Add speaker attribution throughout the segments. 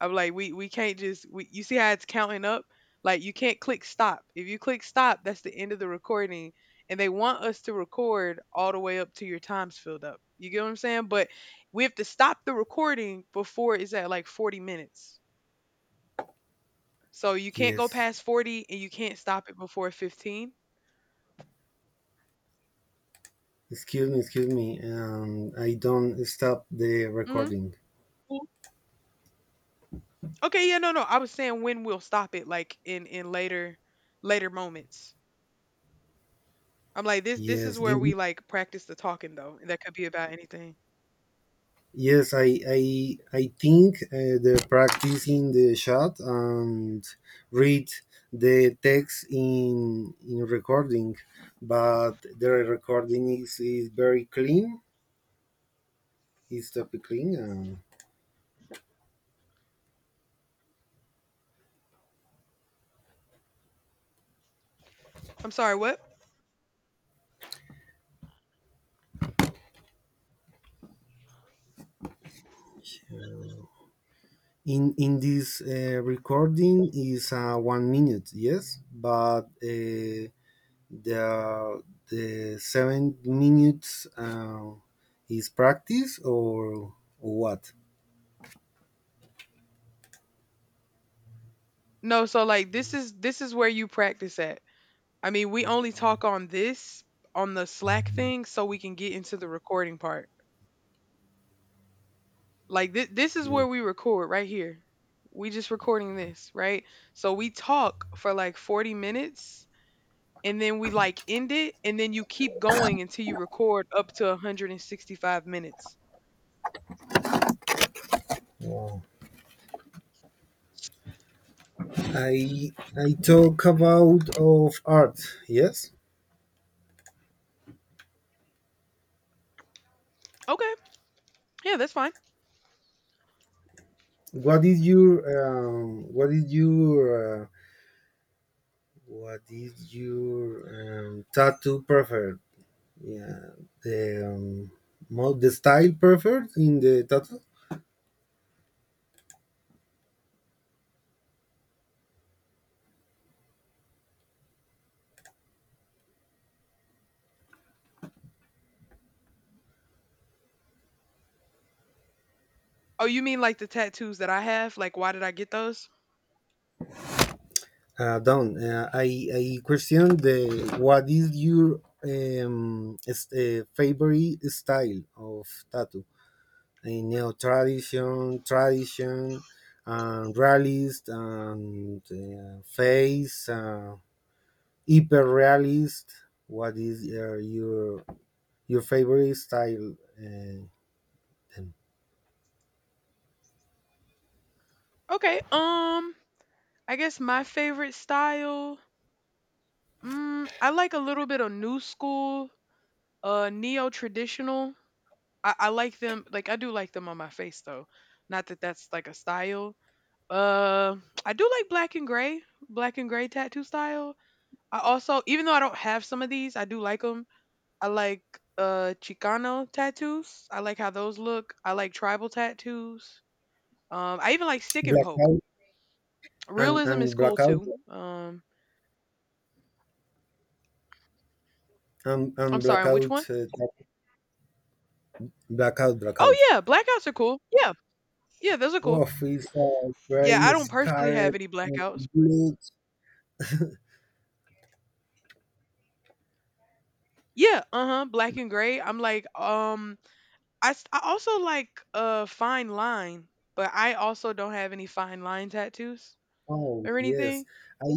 Speaker 1: I'm like, we can't you see how it's counting up? Like you can't click stop. If you click stop, that's the end of the recording. And they want us to record all the way up to your time's filled up. You get what I'm saying? But we have to stop the recording before it's at like 40 minutes. So you can't go
Speaker 2: Yes.
Speaker 1: past 40 and you can't stop it before 15.
Speaker 2: Excuse me, excuse me. I don't stop the
Speaker 1: Hmm.
Speaker 2: recording.
Speaker 1: Okay, yeah, no, no. I was saying when we'll stop it, like in later later moments. I'm like this is
Speaker 2: Yes,
Speaker 1: where we
Speaker 2: give,
Speaker 1: like practice the talking though, and that could be about anything.
Speaker 2: yes. I think the practice in the chat and read the text in recording, but the recording is very clean. It's topic clean. Uh,
Speaker 1: I'm sorry, what?
Speaker 2: in in this recording is 1 minute. Yes, but. The the 7 minutes is practice or what?
Speaker 1: No, so like this is where you practice at. I mean, we only talk on this on the Slack thing so we can get into the recording part. Like this is where we record right here. We just recording this, right? So we talk for like 40 minutes and then we like end it and then you keep going until you record up to 165 minutes.
Speaker 2: Wow. I I talk about of art. Yes.
Speaker 1: Okay. Yeah, that's fine.
Speaker 2: What is your what is your what is your tattoo preferred? Yeah, the the style preferred in the tattoo.
Speaker 1: Oh, you mean like the tattoos that I have? Like why did I get those?
Speaker 2: Down. I question the what is your favorite style of tattoo? A neo tradition, tradition, and realist, and face, hyper realist. What is your favorite style? Um,
Speaker 1: Okay. I guess my favorite style. I like a little bit of new school, neo traditional. I like them. Like I do like them on my face though. Not that that's like a style. Uh, I do like black and gray tattoo style. I also, even though I don't have some of these, I do like them. I like Chicano tattoos. I like how those look. I like tribal tattoos. I even like stick and poke.
Speaker 2: blackout and
Speaker 1: Realism is
Speaker 2: and
Speaker 1: cool
Speaker 2: blackout
Speaker 1: too.
Speaker 2: and
Speaker 1: I'm sorry, which
Speaker 2: blackout
Speaker 1: one?
Speaker 2: blackout blackout.
Speaker 1: Oh yeah, blackouts are cool. Yeah, yeah, those are cool.
Speaker 2: Wolf is
Speaker 1: Yeah,
Speaker 2: very
Speaker 1: I don't personally have
Speaker 2: scared
Speaker 1: any
Speaker 2: and
Speaker 1: blackouts.
Speaker 2: blood.
Speaker 1: Yeah, uh-huh, black and gray. I'm like, I also like fine line, but I also don't have any fine line tattoos
Speaker 2: Oh
Speaker 1: or
Speaker 2: yes,
Speaker 1: anything.
Speaker 2: I,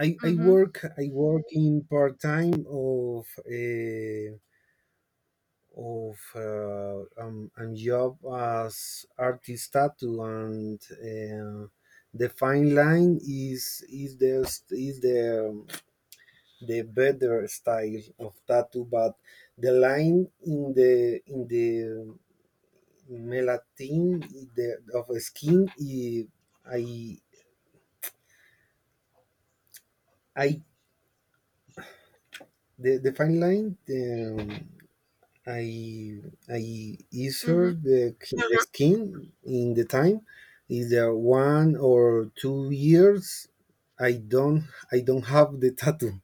Speaker 2: I I
Speaker 1: Mm-hmm.
Speaker 2: work I work in part time of a job as artist tattoo and the fine line is the is the better style of tattoo, but the line in the Melatin the, of skin y I I the fine line um, I I measure
Speaker 1: Mm-hmm.
Speaker 2: the Uh-huh. skin in the time either 1 or 2 years I don't I don't have the tattoo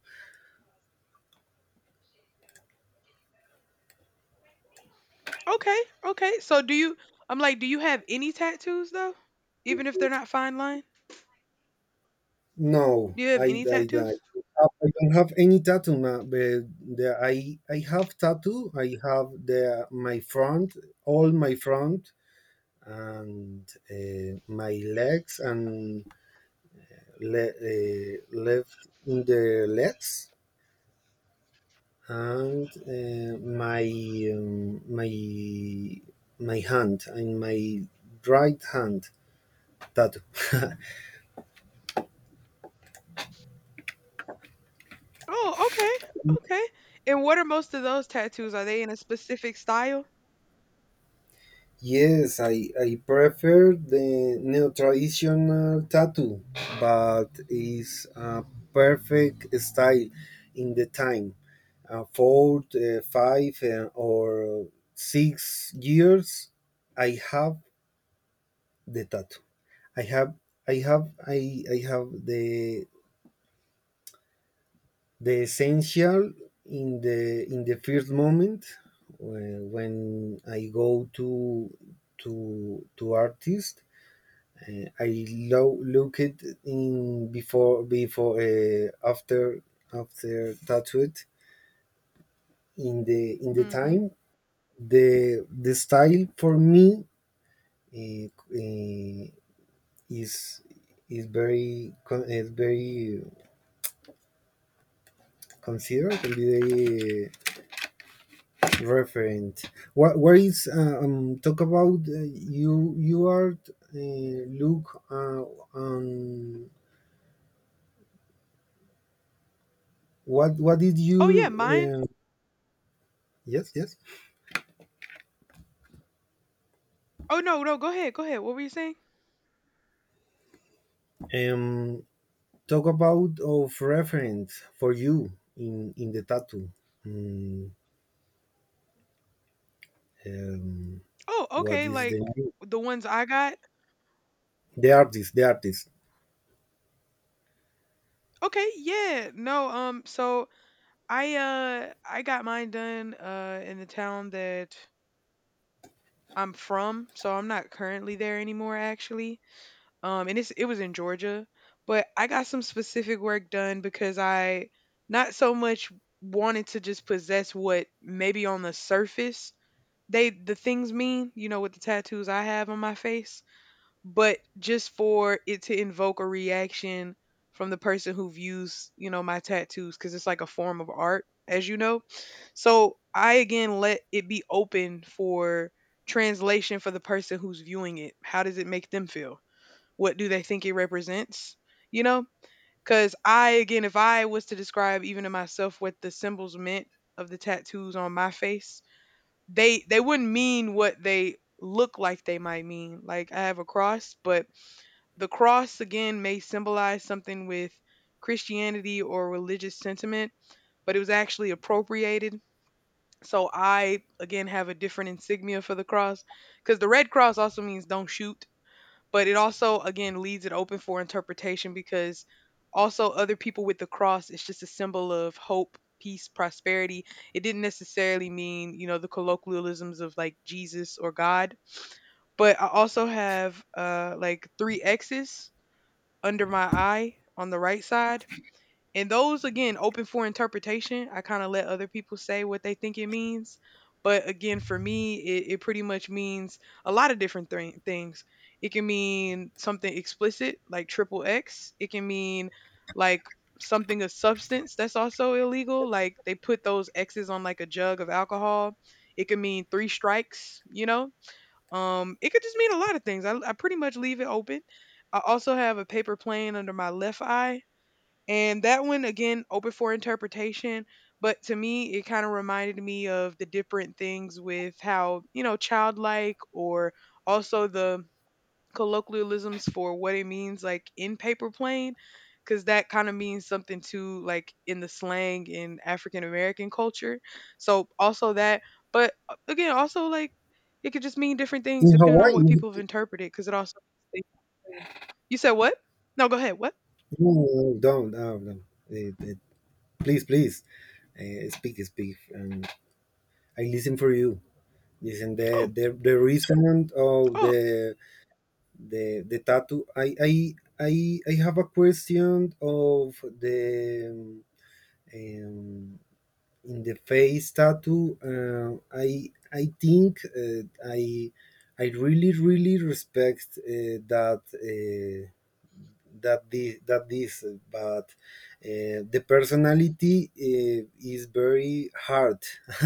Speaker 1: Okay, okay. I'm like, do you have any tattoos though? Even if they're not fine line?
Speaker 2: no
Speaker 1: Do you have any
Speaker 2: I
Speaker 1: tattoos?
Speaker 2: I don't have any tattoo, ma- but the, I have tattoo. I have the my front, all my front and my legs and left in the legs and um, my my hand and my right hand tattoo.
Speaker 1: Oh, okay, okay. And what are most of those tattoos? Are they in a specific style?
Speaker 2: yes, I prefer the neo traditional tattoo, but it's a perfect style in the time. Four, five, or 6 years, I have the tattoo. I have, I have, I have the essential in the first moment when I go to artist. Uh, I look it in before before after after tattooed in the
Speaker 1: Mm-hmm.
Speaker 2: time the style for me eh, eh, is is very is very considered and very referent. What where is talk about you you are look on what did
Speaker 1: Oh yeah,
Speaker 2: you
Speaker 1: mine.
Speaker 2: yes yes
Speaker 1: Oh no, no, go ahead, go ahead. What were you saying?
Speaker 2: um talk about of reference for you in the tattoo. Mm, um,
Speaker 1: Oh,
Speaker 2: what
Speaker 1: okay,
Speaker 2: is the
Speaker 1: like
Speaker 2: name?
Speaker 1: the ones I got?
Speaker 2: The artist the artist
Speaker 1: Okay, yeah. No, so I got mine done in the town that I'm from, so I'm not currently there anymore actually. And it was in Georgia, but I got some specific work done because I not so much wanted to just possess what maybe on the surface the things mean, you know, with the tattoos I have on my face but just for it to invoke a reaction from the person who views, you know, my tattoos because it's like a form of art, as you know. So I again let it be open for translation for the person who's viewing it. How does it make them feel? What do they think it represents? You know, because I again, if I was to describe even to myself what the symbols meant of the tattoos on my face, they wouldn't mean what they look like they might mean. Like I have a cross, but the cross again may symbolize something with Christianity or religious sentiment, but it was actually appropriated. So I again have a different insignia for the cross because the red cross also means don't shoot, but it also again leaves it open for interpretation because also other people with the cross, it's just a symbol of hope, peace, prosperity. It didn't necessarily mean, you know, the colloquialisms of like Jesus or God, but I also have like three x's under my eye on the right side, and those again open for interpretation. I kind of let other people say what they think it means, but again for me it pretty much means a lot of different things. It can mean something explicit like triple x. It can mean like something of substance that's also illegal, like they put those x's on like a jug of alcohol. It could mean three strikes, you know. It could just mean a lot of things. I pretty much leave it open. I also have a paper plane under my left eye, and that one, again, open for interpretation. But to me, it kind of reminded me of the different things with how, you know, childlike or also the colloquialisms for what it means, like in paper plane, because that kind of means something too, like in the slang in African American culture. So also that. But again, also like it could just mean different things
Speaker 2: in
Speaker 1: depending on what
Speaker 2: Hawaii.
Speaker 1: people have interpreted, because it also means things. You said what? No, go ahead. What?
Speaker 2: No, no, no, don't, no, no. Eh, eh, please, please, speak, speak. And I listen for you. Listen,
Speaker 1: Oh,
Speaker 2: the reason of
Speaker 1: oh.
Speaker 2: the tattoo. I have a question of the in the face tattoo. I think I really really respect that. That the that this, but the personality is very hard.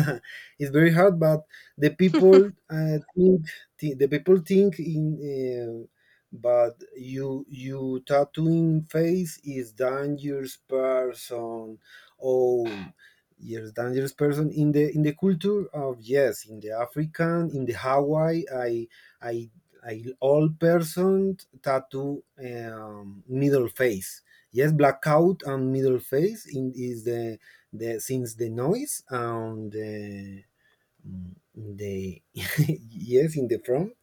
Speaker 2: it's very hard, but the people the people think in. But you you tattooing face is dangerous person. Oh, yes, dangerous person in the culture of yes, in the African, in the Hawaii. I a all person tattoo middle face. Yes, blackout and middle face in, is the since the noise and the yes in the front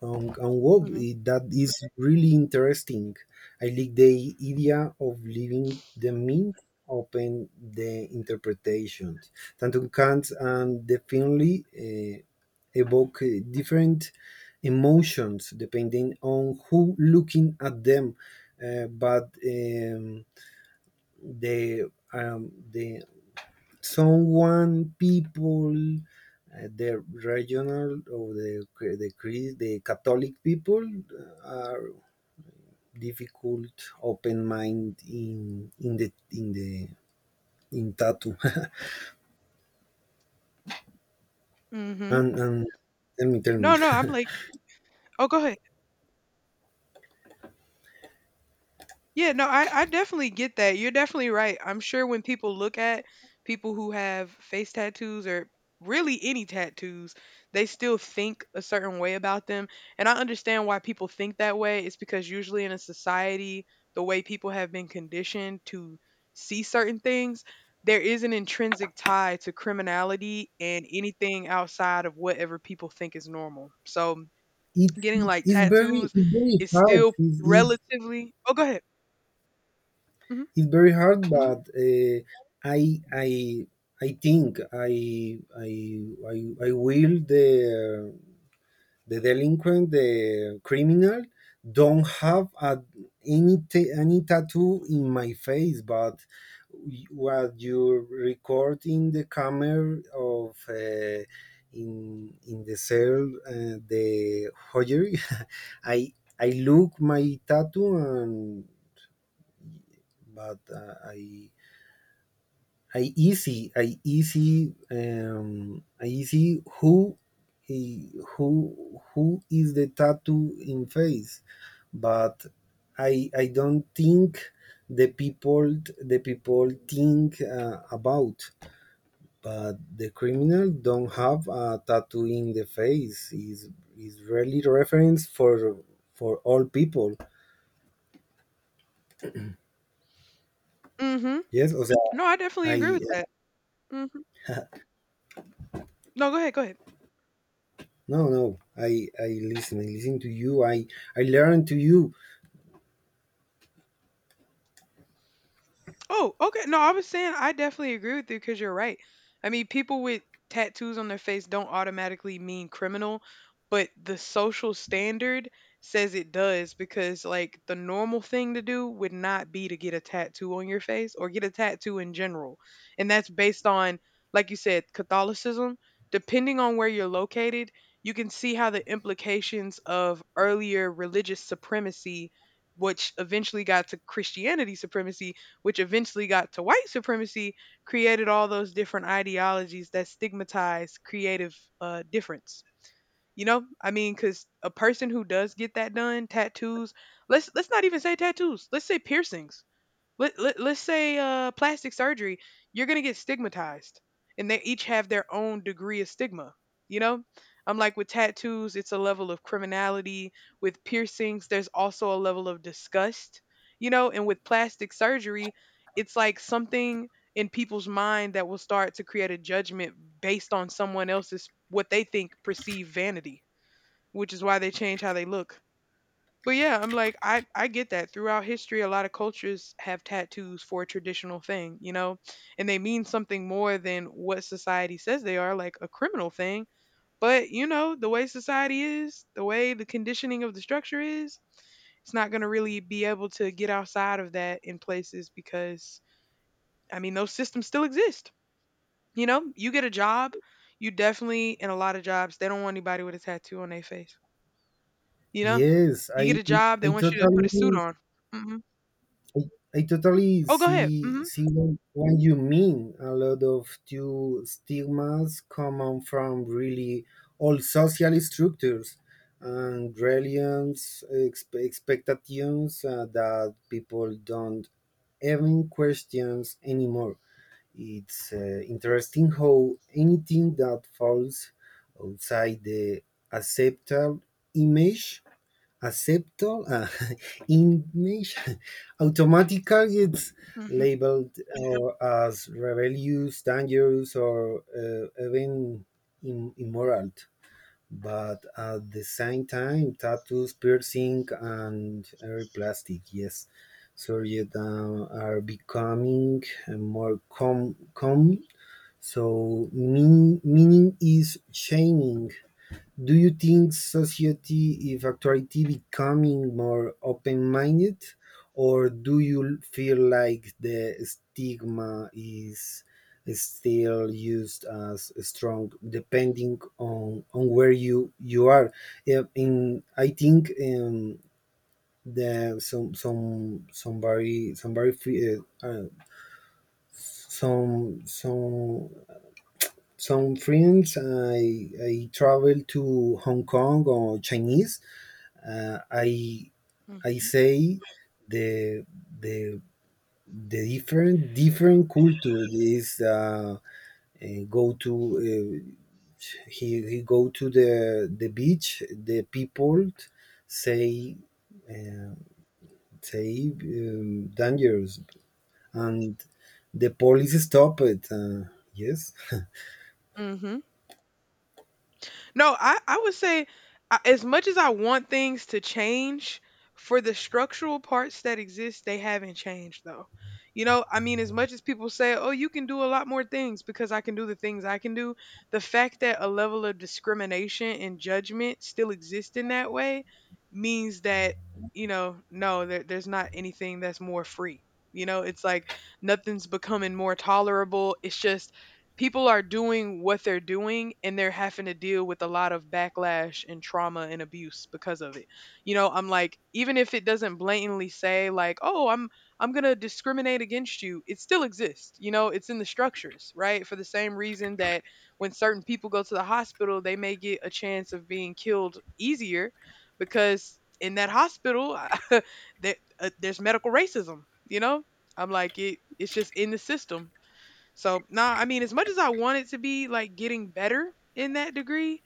Speaker 2: and wow,
Speaker 1: Mhm.
Speaker 2: that is really interesting. I like the idea of leaving the mind open the interpretation. Tantum Kant and definitely evoke different emotions depending on who looking at them. But the um, the someone people the regional or the the Catholic people are difficult, open mind in tattoo.
Speaker 1: Mhm.
Speaker 2: And tell
Speaker 1: No,
Speaker 2: me,
Speaker 1: no, I'm like oh, go ahead. Yeah, no, I definitely get that. You're definitely right. I'm sure when people look at people who have face tattoos or really any tattoos, they still think a certain way about them. And I understand why people think that way. It's because usually in a society, the way people have been conditioned to see certain things, there is an intrinsic tie to criminality and anything outside of whatever people think is normal. So
Speaker 2: it's
Speaker 1: getting,
Speaker 2: it,
Speaker 1: like,
Speaker 2: it's very
Speaker 1: tattoos
Speaker 2: it's very
Speaker 1: is
Speaker 2: hard.
Speaker 1: still relatively oh, go ahead. Mm.
Speaker 2: It's very hard,
Speaker 1: Mhm.
Speaker 2: but I I I think I I will the delinquent, the criminal, don't have a, any any tattoo in my face, but what you record in the camera of in the cell the hoyer, I I look my tattoo and but I easy, I easy who, eh, who is the tattoo in face, but I don't think the people think about. But the criminal don't have a tattoo in the face. Is really reference for all people.
Speaker 1: Mm mhm.
Speaker 2: Yes, o sea,
Speaker 1: No, I definitely agree
Speaker 2: I
Speaker 1: with that. Mhm. No, go ahead, go ahead.
Speaker 2: no I listen, I listen to you. I learn to you.
Speaker 1: Oh, okay. No, I was saying I definitely agree with you because you're right. I mean, people with tattoos on their face don't automatically mean criminal, but the social standard says it does because, like, the normal thing to do would not be to get a tattoo on your face or get a tattoo in general. And that's based on, like you said, Catholicism. Depending on where you're located, you can see how the implications of earlier religious supremacy, which eventually got to Christianity supremacy, which eventually got to white supremacy, created all those different ideologies that stigmatize creative difference. You know, I mean, because a person who does get that done, tattoos. Let's not even say tattoos. Let's say piercings. Let's say plastic surgery, you're going to get stigmatized. And they each have their own degree of stigma. You know, I'm like with tattoos, it's a level of criminality. With piercings, there's also a level of disgust. You know, and with plastic surgery, it's like something in people's mind that will start to create a judgment based on someone else's what they think perceived vanity, which is why they change how they look. But yeah, I'm like I get that. Throughout history, a lot of cultures have tattoos for a traditional thing, you know, and they mean something more than what society says they are, like a criminal thing. But you know, the way society is, the way the conditioning of the structure is, it's not going to really be able to get outside of that in places because I mean, those systems still exist. You know, you get a job, you definitely in a lot of jobs, they don't want anybody with a tattoo on their face. You know,
Speaker 2: Yes,
Speaker 1: you get a job, they
Speaker 2: I
Speaker 1: want you to put a suit
Speaker 2: totally
Speaker 1: on. Mm-hmm.
Speaker 2: I, I totally
Speaker 1: Oh, go ahead.
Speaker 2: see
Speaker 1: Mhm.
Speaker 2: see what you mean. A lot of two stigmas come from really old social structures and religions expectations that people don't even questions anymore. It's interesting how anything that falls outside the accepted image acceptor image automatically it's
Speaker 1: Mhm.
Speaker 2: labeled as rebellious, dangerous, or even immoral. But at the same time, tattoos, piercing, and every plastic, yes, surgery are becoming more common. So meaning is changing. Do you think society is actually becoming more open minded, or do you feel like the stigma is still used as strong depending on where you are? Yeah, in, I think the somebody uh, uh, some some some friends I travel to Hong Kong or Chinese. Uh, I I
Speaker 1: Mhm.
Speaker 2: say the the the different culture is go to uh, he go to the beach. The people say uh, say dangerous and the police stop it yes
Speaker 1: Mhm. No, I would say I, as much as I want things to change for the structural parts that exist, they haven't changed though. You know, I mean, as much as people say, "Oh, you can do a lot more things because I can do the things I can do," the fact that a level of discrimination and judgment still exists in that way means that you know, no, there's not anything that's more free. You know, it's like nothing's becoming more tolerable. It's just people are doing what they're doing and they're having to deal with a lot of backlash and trauma and abuse because of it. You know, I'm like even if it doesn't blatantly say like, "Oh, I'm going to discriminate against you." It still exists. You know, it's in the structures, right? For the same reason that when certain people go to the hospital, they may get a chance of being killed easier because in that hospital there, there's medical racism, you know? I'm like it's just in the system so, nah, I mean, as much as I want it to be like getting better in that degree,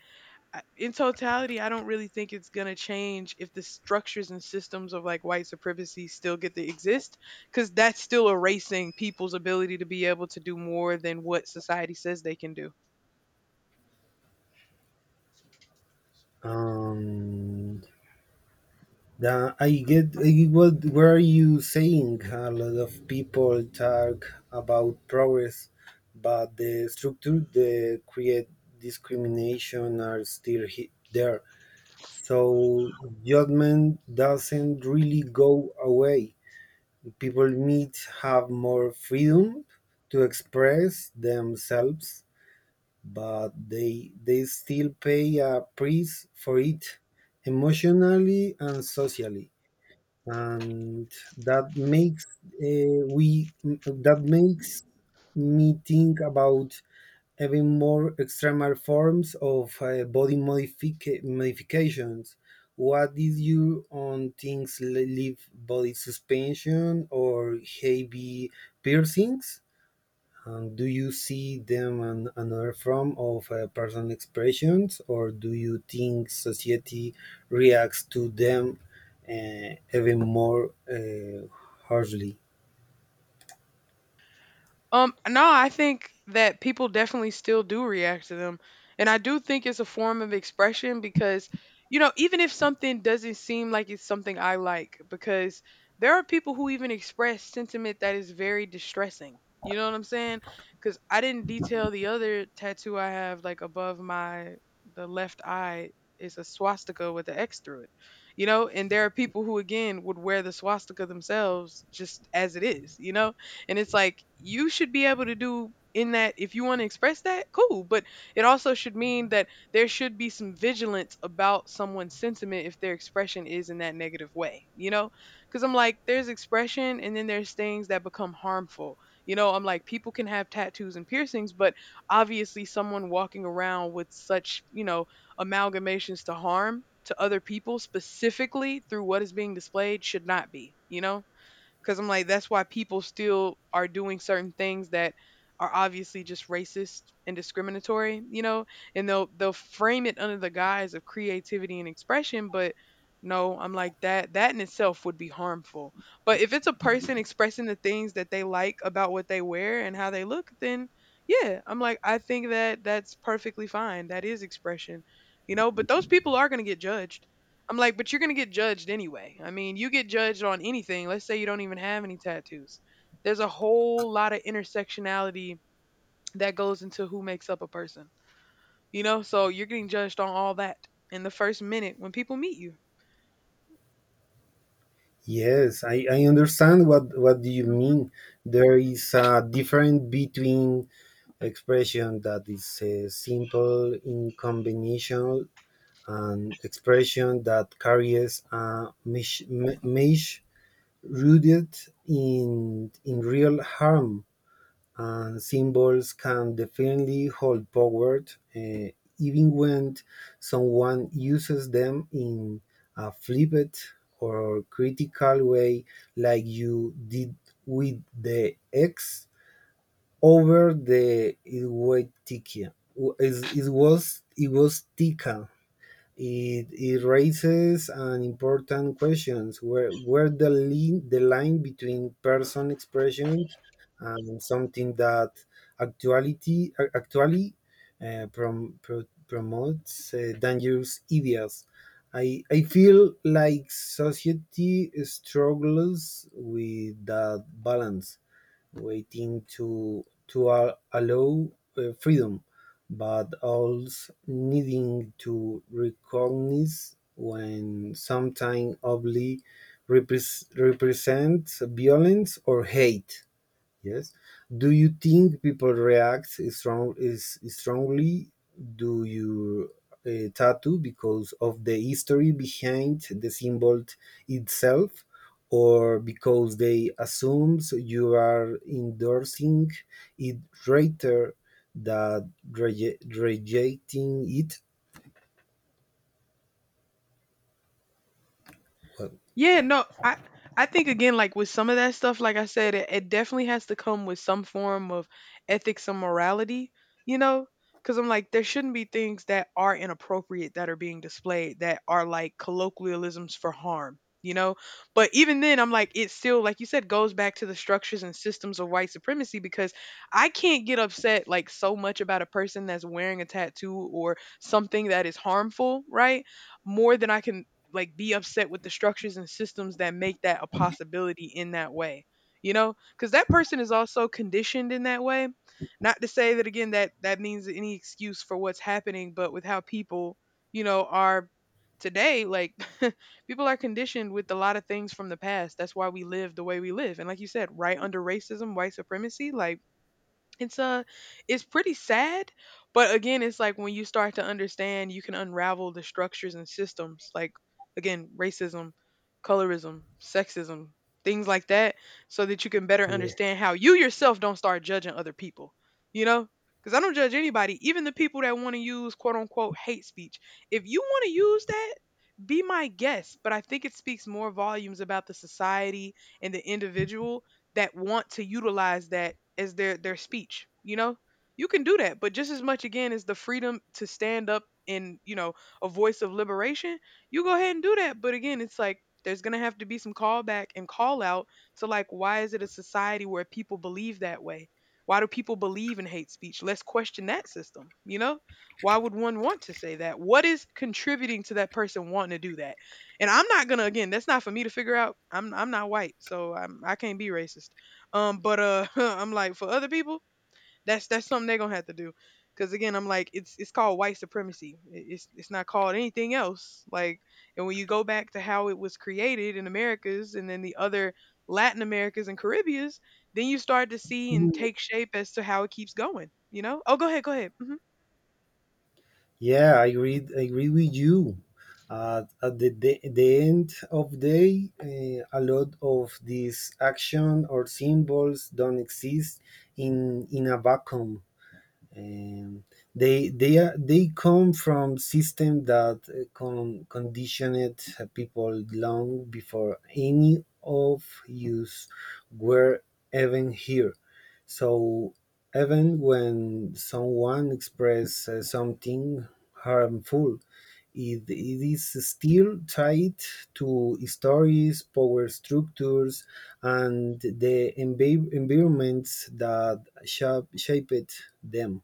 Speaker 1: I- in totality, I don't really think it's going to change if the structures and systems of like white supremacy still get to exist because that's still erasing people's ability to be able to do more than what society says they can do.
Speaker 2: um, yeah, I get what were you saying? A lot of people talk about progress, but the structure that create discrimination are still there. So judgment doesn't really go away. People need have more freedom to express themselves, but they still pay a price for it, emotionally and socially, and that makes we that makes me think about even more extreme forms of modifications. What is your on things live body suspension or heavy piercings? And do you see them an, another form of personal expressions, or do you think society reacts to them even more harshly?
Speaker 1: No, I think that people definitely still do react to them. And I do think it's a form of expression because, even if something doesn't seem like it's something I like, because there are people who even express sentiment that is very distressing. You know what I'm saying? Because I didn't detail the other tattoo I have, like above my, the left eye is a swastika with an X through it, you know? And there are people who, again, would wear the swastika themselves just as it is, you know? And it's like you should be able to do in that if you want to express that, cool. But it also should mean that there should be some vigilance about someone's sentiment if their expression is in that negative way, you know? Because I'm like, there's expression and then there's things that become harmful. You know, I'm like, people can have tattoos and piercings, but obviously someone walking around with such, amalgamations to harm to other people specifically through what is being displayed should not be, you know? Because I'm like, that's why people still are doing certain things that are obviously just racist and discriminatory, you know, and they'll frame it under the guise of creativity and expression, but no, I'm like that in itself would be harmful. But if it's a person expressing the things that they like about what they wear and how they look, then yeah, I'm like I think that that's perfectly fine. That is expression. You know, but those people are going to get judged. I'm like, but you're gonna get judged anyway. I mean, you get judged on anything. Let's say you don't even have any tattoos. There's a whole lot of intersectionality that goes into who makes up a person. You know, so you're getting judged on all that in the first minute when people meet you.
Speaker 2: Yes, I understand what do you mean. There is a difference between expression that is simple in combination and expression that carries a mesh rooted in real harm, and symbols can definitely hold power uh, even when someone uses them in a flippant or critical way like you did with the X over the Iwatikia. It was tika it, it raises an important questions where the line between person expression and something that actuality actually promotes dangerous ideas. I feel like society struggles with that balance waiting to allow freedom, but also needing to recognize when something obli represents violence or hate. Yes. Do you think people react strong is strongly do you tattoo because of the history behind the symbol itself, or because they assume you are endorsing it rather than rejecting it? Well,
Speaker 1: Yeah, no, I think again, like with some of that stuff, like I said, it definitely has to come with some form of ethics and morality, you know? Because I'm like, there shouldn't be things that are inappropriate that are being displayed that are like colloquialisms for harm, you know? But even then, I'm like, it still, like you said, goes back to the structures and systems of white supremacy because I can't get upset like so much about a person that's wearing a tattoo or something that is harmful, right? More than I can like be upset with the structures and systems that make that a possibility in that way, you know, because that person is also conditioned in that way. Not to say that again that that means any excuse for what's happening, but with how people, you know, are today, like people are conditioned with a lot of things from the past. That's why we live the way we live, and like you said, right, under racism, white supremacy, like it's it's pretty sad. But again, it's like when you start to understand you can unravel the structures and systems, like again, racism, colorism, sexism, things like that, so that you can better
Speaker 2: yes.
Speaker 1: understand how you yourself don't start judging other people, you know, because I don't judge anybody. Even the people that want to use quote unquote hate speech, if you want to use that, be my guest, but I think it speaks more volumes about the society and the individual that want to utilize that as their speech, you know? You can do that, but just as much again as the freedom to stand up in, you know, a voice of liberation, you go ahead and do that. But again, it's like there's going to have to be some callback and call out to, like, why is it a society where people believe that way? Why do people believe in hate speech? Let's question that system, you know? Why would one want to say that? What is contributing to that person wanting to do that? And I'm not gonna, again, that's not for me to figure out. I'm not white, so I can't be racist. But I'm like for other people, that's something they're gonna have to do. Cause again, I'm like it's called white supremacy. It's not called anything else. Like, and when you go back to how it was created in Americas and then the other Latin Americas and Caribbeans, then you start to see and take shape as to how it keeps going. You know? Oh, go ahead, go ahead.
Speaker 2: Yeah, I agree. I agree with you. At the end of day, a lot of these action or symbols don't exist in a vacuum. Um, they are they come from system that conditioned people long before any of us were even here. So even when someone expresses something harmful, it is still tied to stories, power structures, and the environments that shape, shaped them.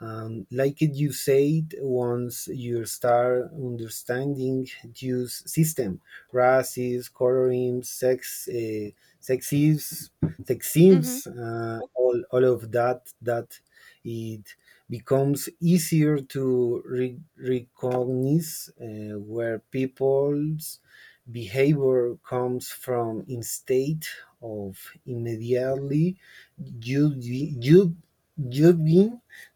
Speaker 2: Like you said, once you start understanding this system, races, colorism, sexism, sexism,
Speaker 1: hmm
Speaker 2: all of that, that it becomes easier to recognize where people's behavior comes from instead of immediately judging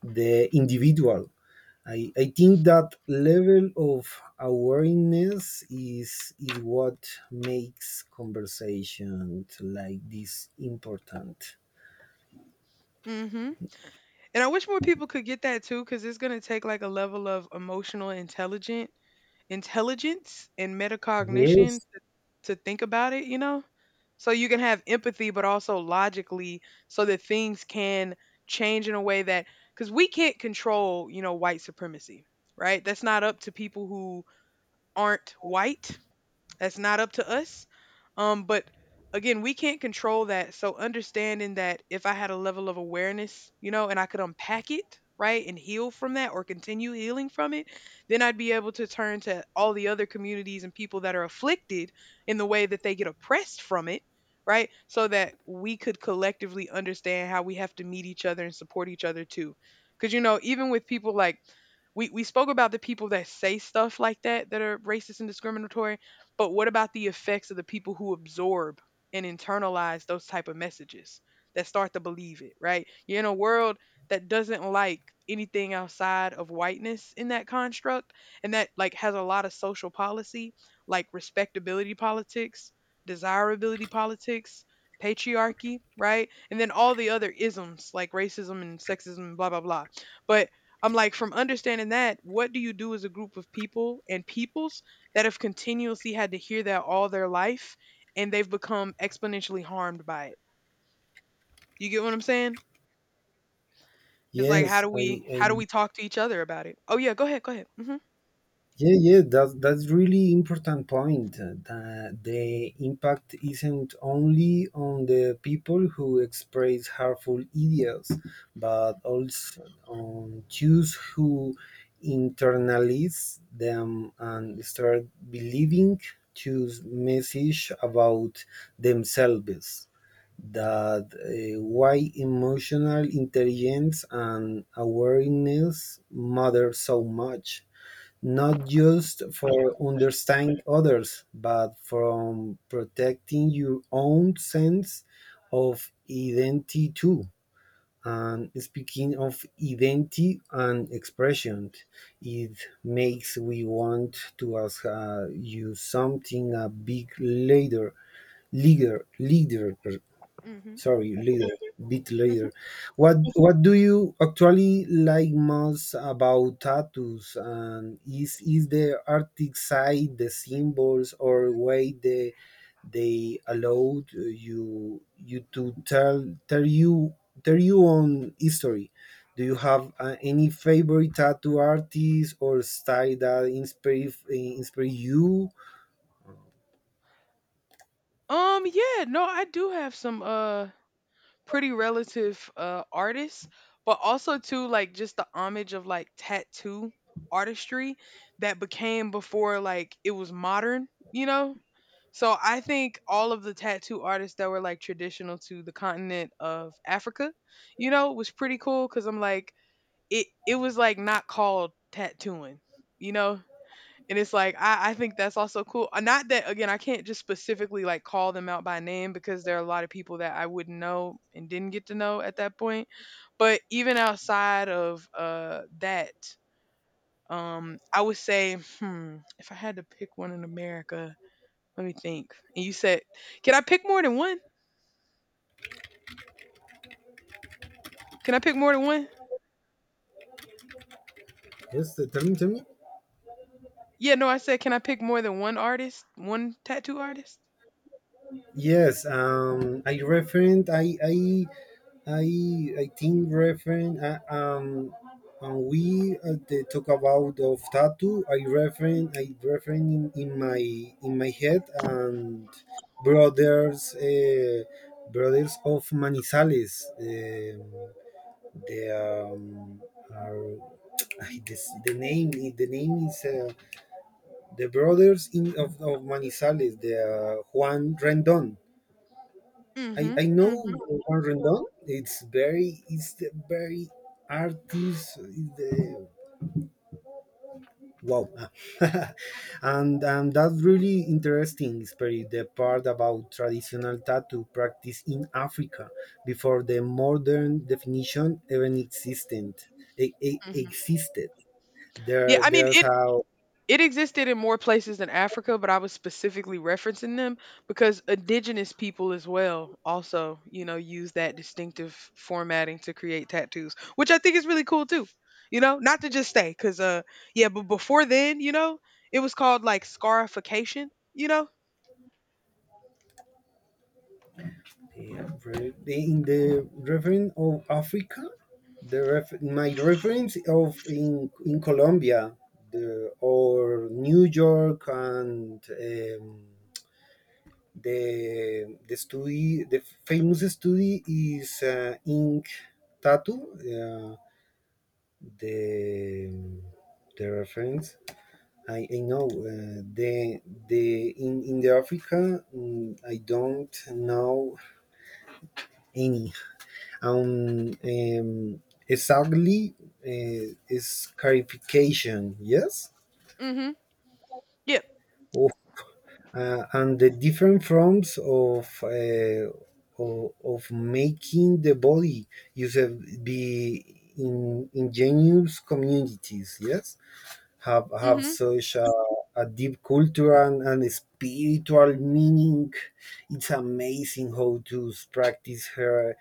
Speaker 2: the individual. I think that level of awareness is what makes conversation like this important.
Speaker 1: hmm And I wish more people could get that too, because it's going to take like a level of emotional intelligent intelligence and metacognition
Speaker 2: Yes,
Speaker 1: to think about it, you know? So you can have empathy, but also logically, so that things can change in a way that, because we can't control, you know, white supremacy, right? That's not up to people who aren't white, that's not up to us. But Again, we can't control that. So understanding that if I had a level of awareness, you know, and I could unpack it, right, and heal from that or continue healing from it, then I'd be able to turn to all the other communities and people that are afflicted in the way that they get oppressed from it, right? So that we could collectively understand how we have to meet each other and support each other too. Cause you know, even with people like we spoke about the people that say stuff like that that are racist and discriminatory, but what about the effects of the people who absorb and internalize those type of messages that start to believe it, right? You're in a world that doesn't like anything outside of whiteness in that construct, and that like has a lot of social policy like respectability politics, desirability politics, patriarchy, right? And then all the other isms like racism and sexism, blah blah blah. But I'm like from understanding that, what do you do as a group of people and peoples that have continuously had to hear that all their life and they've become exponentially harmed by it. You get what I'm saying? It's like
Speaker 2: yes, I
Speaker 1: how do we talk to each other about it? Oh yeah, go ahead, go ahead. Mhm.
Speaker 2: Yeah, yeah, that, that's really important point. That the impact isn't only on the people who express harmful ideas, but also on Jews who internalize them and start believing Jews' message about themselves. That why emotional intelligence and awareness matter so much, not just for understanding others, but from protecting your own sense of identity too. And speaking of identity and expression, it makes we want to ask you something a big leader, leader, leader,
Speaker 1: Mhm.
Speaker 2: sorry leader bit
Speaker 1: Mhm.
Speaker 2: leader what what do you actually like most about tattoos and is the artistic side the symbols or way they allowed you you to tell you on history? Do you have any favorite tattoo artist or style that inspire you?
Speaker 1: Yeah, no, I do have some pretty relative artists, but also too like just the homage of like tattoo artistry that became before like it was modern, you know? So I think all of the tattoo artists that were like traditional to the continent of Africa, you know, was pretty cool because I'm like It was like not called tattooing, you know, and it's like I think that's also cool. Not that again, I can't just specifically like call them out by name because there are a lot of people that I wouldn't know and didn't get to know at that point. But even outside of that, I would say, if I had to pick one in America, let me think. And you said, "Can I pick more than one? Can I pick more than one?"
Speaker 2: Yes tell me tell me.
Speaker 1: Yeah, no, I said, "Can I pick more than one artist? One tattoo artist?"
Speaker 2: Yes, I I think referent. And we they talk about of tattoo. I referent. I referent in my head and brothers. Brothers of Manizales. They are. I, this, the name is the brothers in of Manizales. The Juan Rendon. I,
Speaker 1: Mhm.
Speaker 2: I know
Speaker 1: Mhm.
Speaker 2: Juan Rendon. It's very it's the very artist is the wow, and that's really interesting, especially the part about traditional tattoo practice in Africa before the modern definition even
Speaker 1: Mhm.
Speaker 2: existed.
Speaker 1: Yeah,
Speaker 2: There
Speaker 1: I mean
Speaker 2: there's how
Speaker 1: it existed in more places than Africa, but I was specifically referencing them because indigenous people as well also, you know, use that distinctive formatting to create tattoos, which I think is really cool too. You know, not to just stay cuz yeah, but before then, you know, it was called like scarification, you know?
Speaker 2: they have in the reference of Africa, the my reference of in Colombia, the or New York and the study the famous study is ink tattoo. Uh, the the reference I know the in the Africa I don't know any and exactly is clarification, yes,
Speaker 1: Mhm. Yeah.
Speaker 2: of, and the different forms of, of making the body use be in ingenious communities, yes, have
Speaker 1: Mhm.
Speaker 2: such a deep cultural and spiritual meaning. It's amazing how to practice her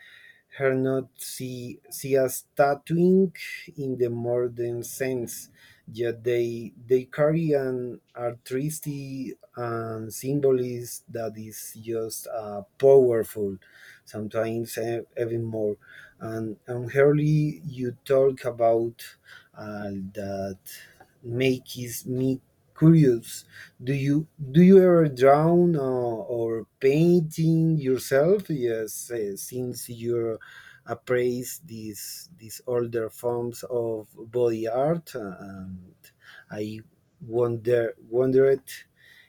Speaker 2: her not see, see as tattooing in the modern sense, yet they carry an artistry and symbolism that is just powerful, sometimes e- even more. And early you talk about that makes me curious, do you do you ever draw or painting yourself? Yes, since you appraise these older forms of body art, and I wondered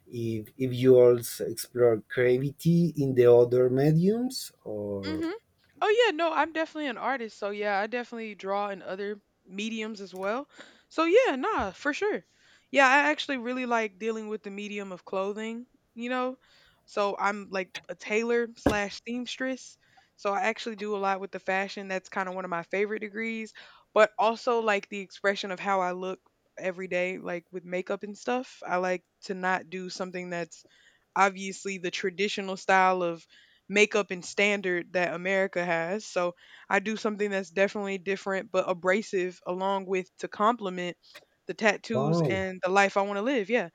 Speaker 2: if you also explore creativity in the other mediums or
Speaker 1: Mhm. Oh yeah, no, I'm definitely an artist, so yeah, I definitely draw in other mediums as well. So yeah, nah, for sure. Yeah, I actually really like dealing with the medium of clothing, you know. So I'm like a tailor slash seamstress. So I actually do a lot with the fashion. That's kind of one of my favorite degrees, but also like the expression of how I look every day, like with makeup and stuff. I like to not do something that's obviously the traditional style of makeup and standard that America has. So I do something that's definitely different but abrasive along with to complement the tattoos
Speaker 2: wow,
Speaker 1: and the life I want to live. Yeah.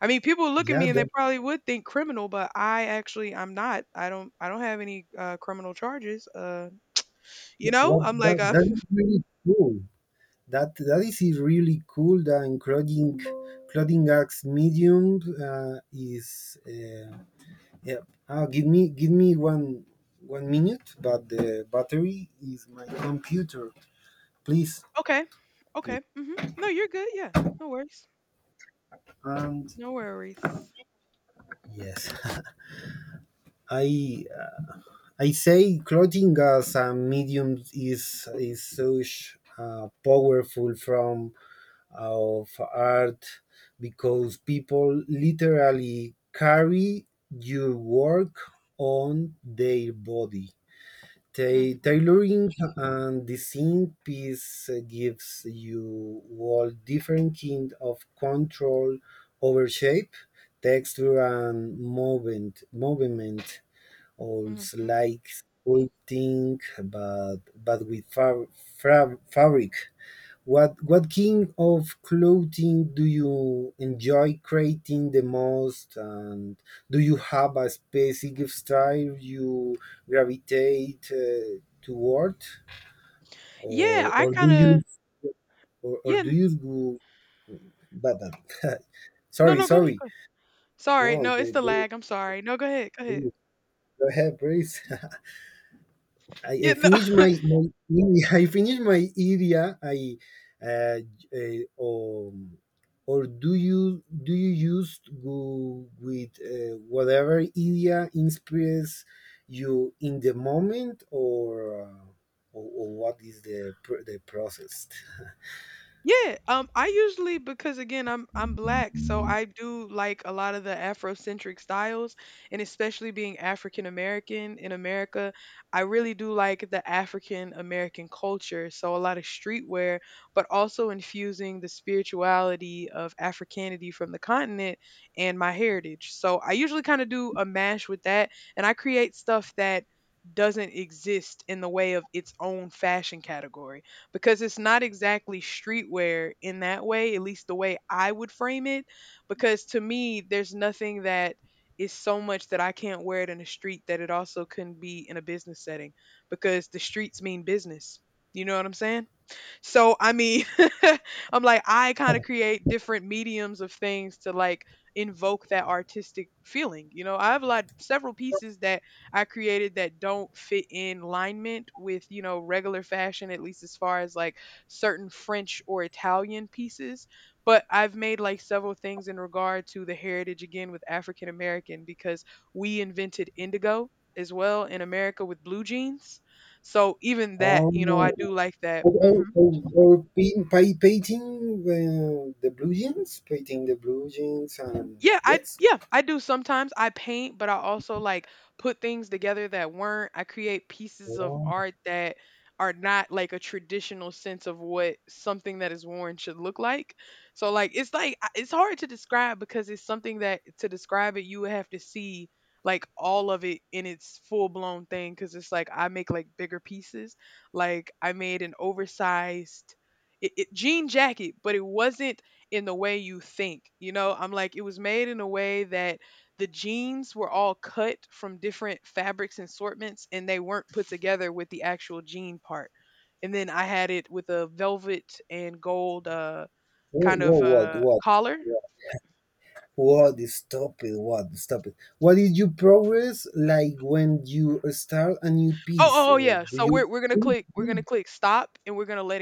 Speaker 1: I mean, people look at
Speaker 2: yeah,
Speaker 1: me and they
Speaker 2: that
Speaker 1: probably would think criminal, but I actually I'm not. I don't have any criminal charges. You know,
Speaker 2: what
Speaker 1: I'm like
Speaker 2: that that is really cool. That that is really cool. The including clothing acts medium is yeah. Ah, give me one one minute, but the battery is my computer. Please,
Speaker 1: okay, okay,
Speaker 2: please.
Speaker 1: hmm, no, you're good. Yeah, no worries,
Speaker 2: And
Speaker 1: no worries.
Speaker 2: yes, I I say clothing as a medium is such powerful from of art because people literally carry your work on their body.
Speaker 1: Hmm.
Speaker 2: Tailoring and design piece gives you all different kind of control over shape, texture, and movement. Movement, also
Speaker 1: Hmm.
Speaker 2: like sculpting, but with fabric. What kind of clothing do you enjoy creating the most, and do you have a specific style you gravitate toward,
Speaker 1: Yeah,
Speaker 2: or
Speaker 1: I
Speaker 2: or do
Speaker 1: kind of
Speaker 2: you or
Speaker 1: yeah.
Speaker 2: do you go? But, but
Speaker 1: No,
Speaker 2: sorry,
Speaker 1: no, go ahead.
Speaker 2: sorry.
Speaker 1: Sorry,
Speaker 2: No,
Speaker 1: no, it's
Speaker 2: the,
Speaker 1: the
Speaker 2: go
Speaker 1: lag, I'm sorry. No, go ahead, go ahead.
Speaker 2: go go ahead, please. I,
Speaker 1: Yeah,
Speaker 2: I
Speaker 1: no
Speaker 2: finished my, my I finished my idea. I uh, uh, um, or do you use go with whatever idea inspires you in the moment, or what is the the process?
Speaker 1: Yeah, I usually because again I'm black, so I do like a lot of the Afrocentric styles, and especially being African American in America, I really do like the African American culture. So a lot of streetwear, but also infusing the spirituality of Africanity from the continent and my heritage. So I usually kind of do a mash with that, and I create stuff that doesn't exist in the way of its own fashion category because it's not exactly streetwear in that way, at least the way I would frame it. Because to me, there's nothing that is so much that I can't wear it in the street that it also couldn't be in a business setting because the streets mean business. You know what I'm saying? So I mean, I'm like I kind of create different mediums of things to like invoke that artistic feeling. You know, I have a lot several pieces that I created that don't fit in alignment with, you know, regular fashion at least as far as like certain French or Italian pieces, but I've made like several things in regard to the heritage again with African American because we invented indigo as well in America with blue jeans. So even that, you know, I do
Speaker 2: Oh,
Speaker 1: like that. Hmm.
Speaker 2: or, paint, painting the blue jeans, painting the blue jeans, and yes.
Speaker 1: Yeah, I do sometimes. I paint, but I also like put things together that weren't. I create pieces of
Speaker 2: Wow.
Speaker 1: art that are not like a traditional sense of what something that is worn should look like. So like it's like it's hard to describe because it's something that to describe it you would have to see like all of it in its full-blown thing cuz it's like I make like bigger pieces. Like I made an oversized jean jacket, but it wasn't in the way you think. You know, I'm like, it was made in a way that the jeans were all cut from different fabrics and assortments and they weren't put together with the actual jean part. And then I had it with a velvet and gold kind of
Speaker 2: What what?
Speaker 1: collar.
Speaker 2: What? Stop it. What? Stop it. What is your progress like when you start a new
Speaker 1: Oh,
Speaker 2: piece?
Speaker 1: oh, oh, yeah. So
Speaker 2: Do
Speaker 1: we're going to click, we're going to
Speaker 2: you
Speaker 1: click stop and we're going to let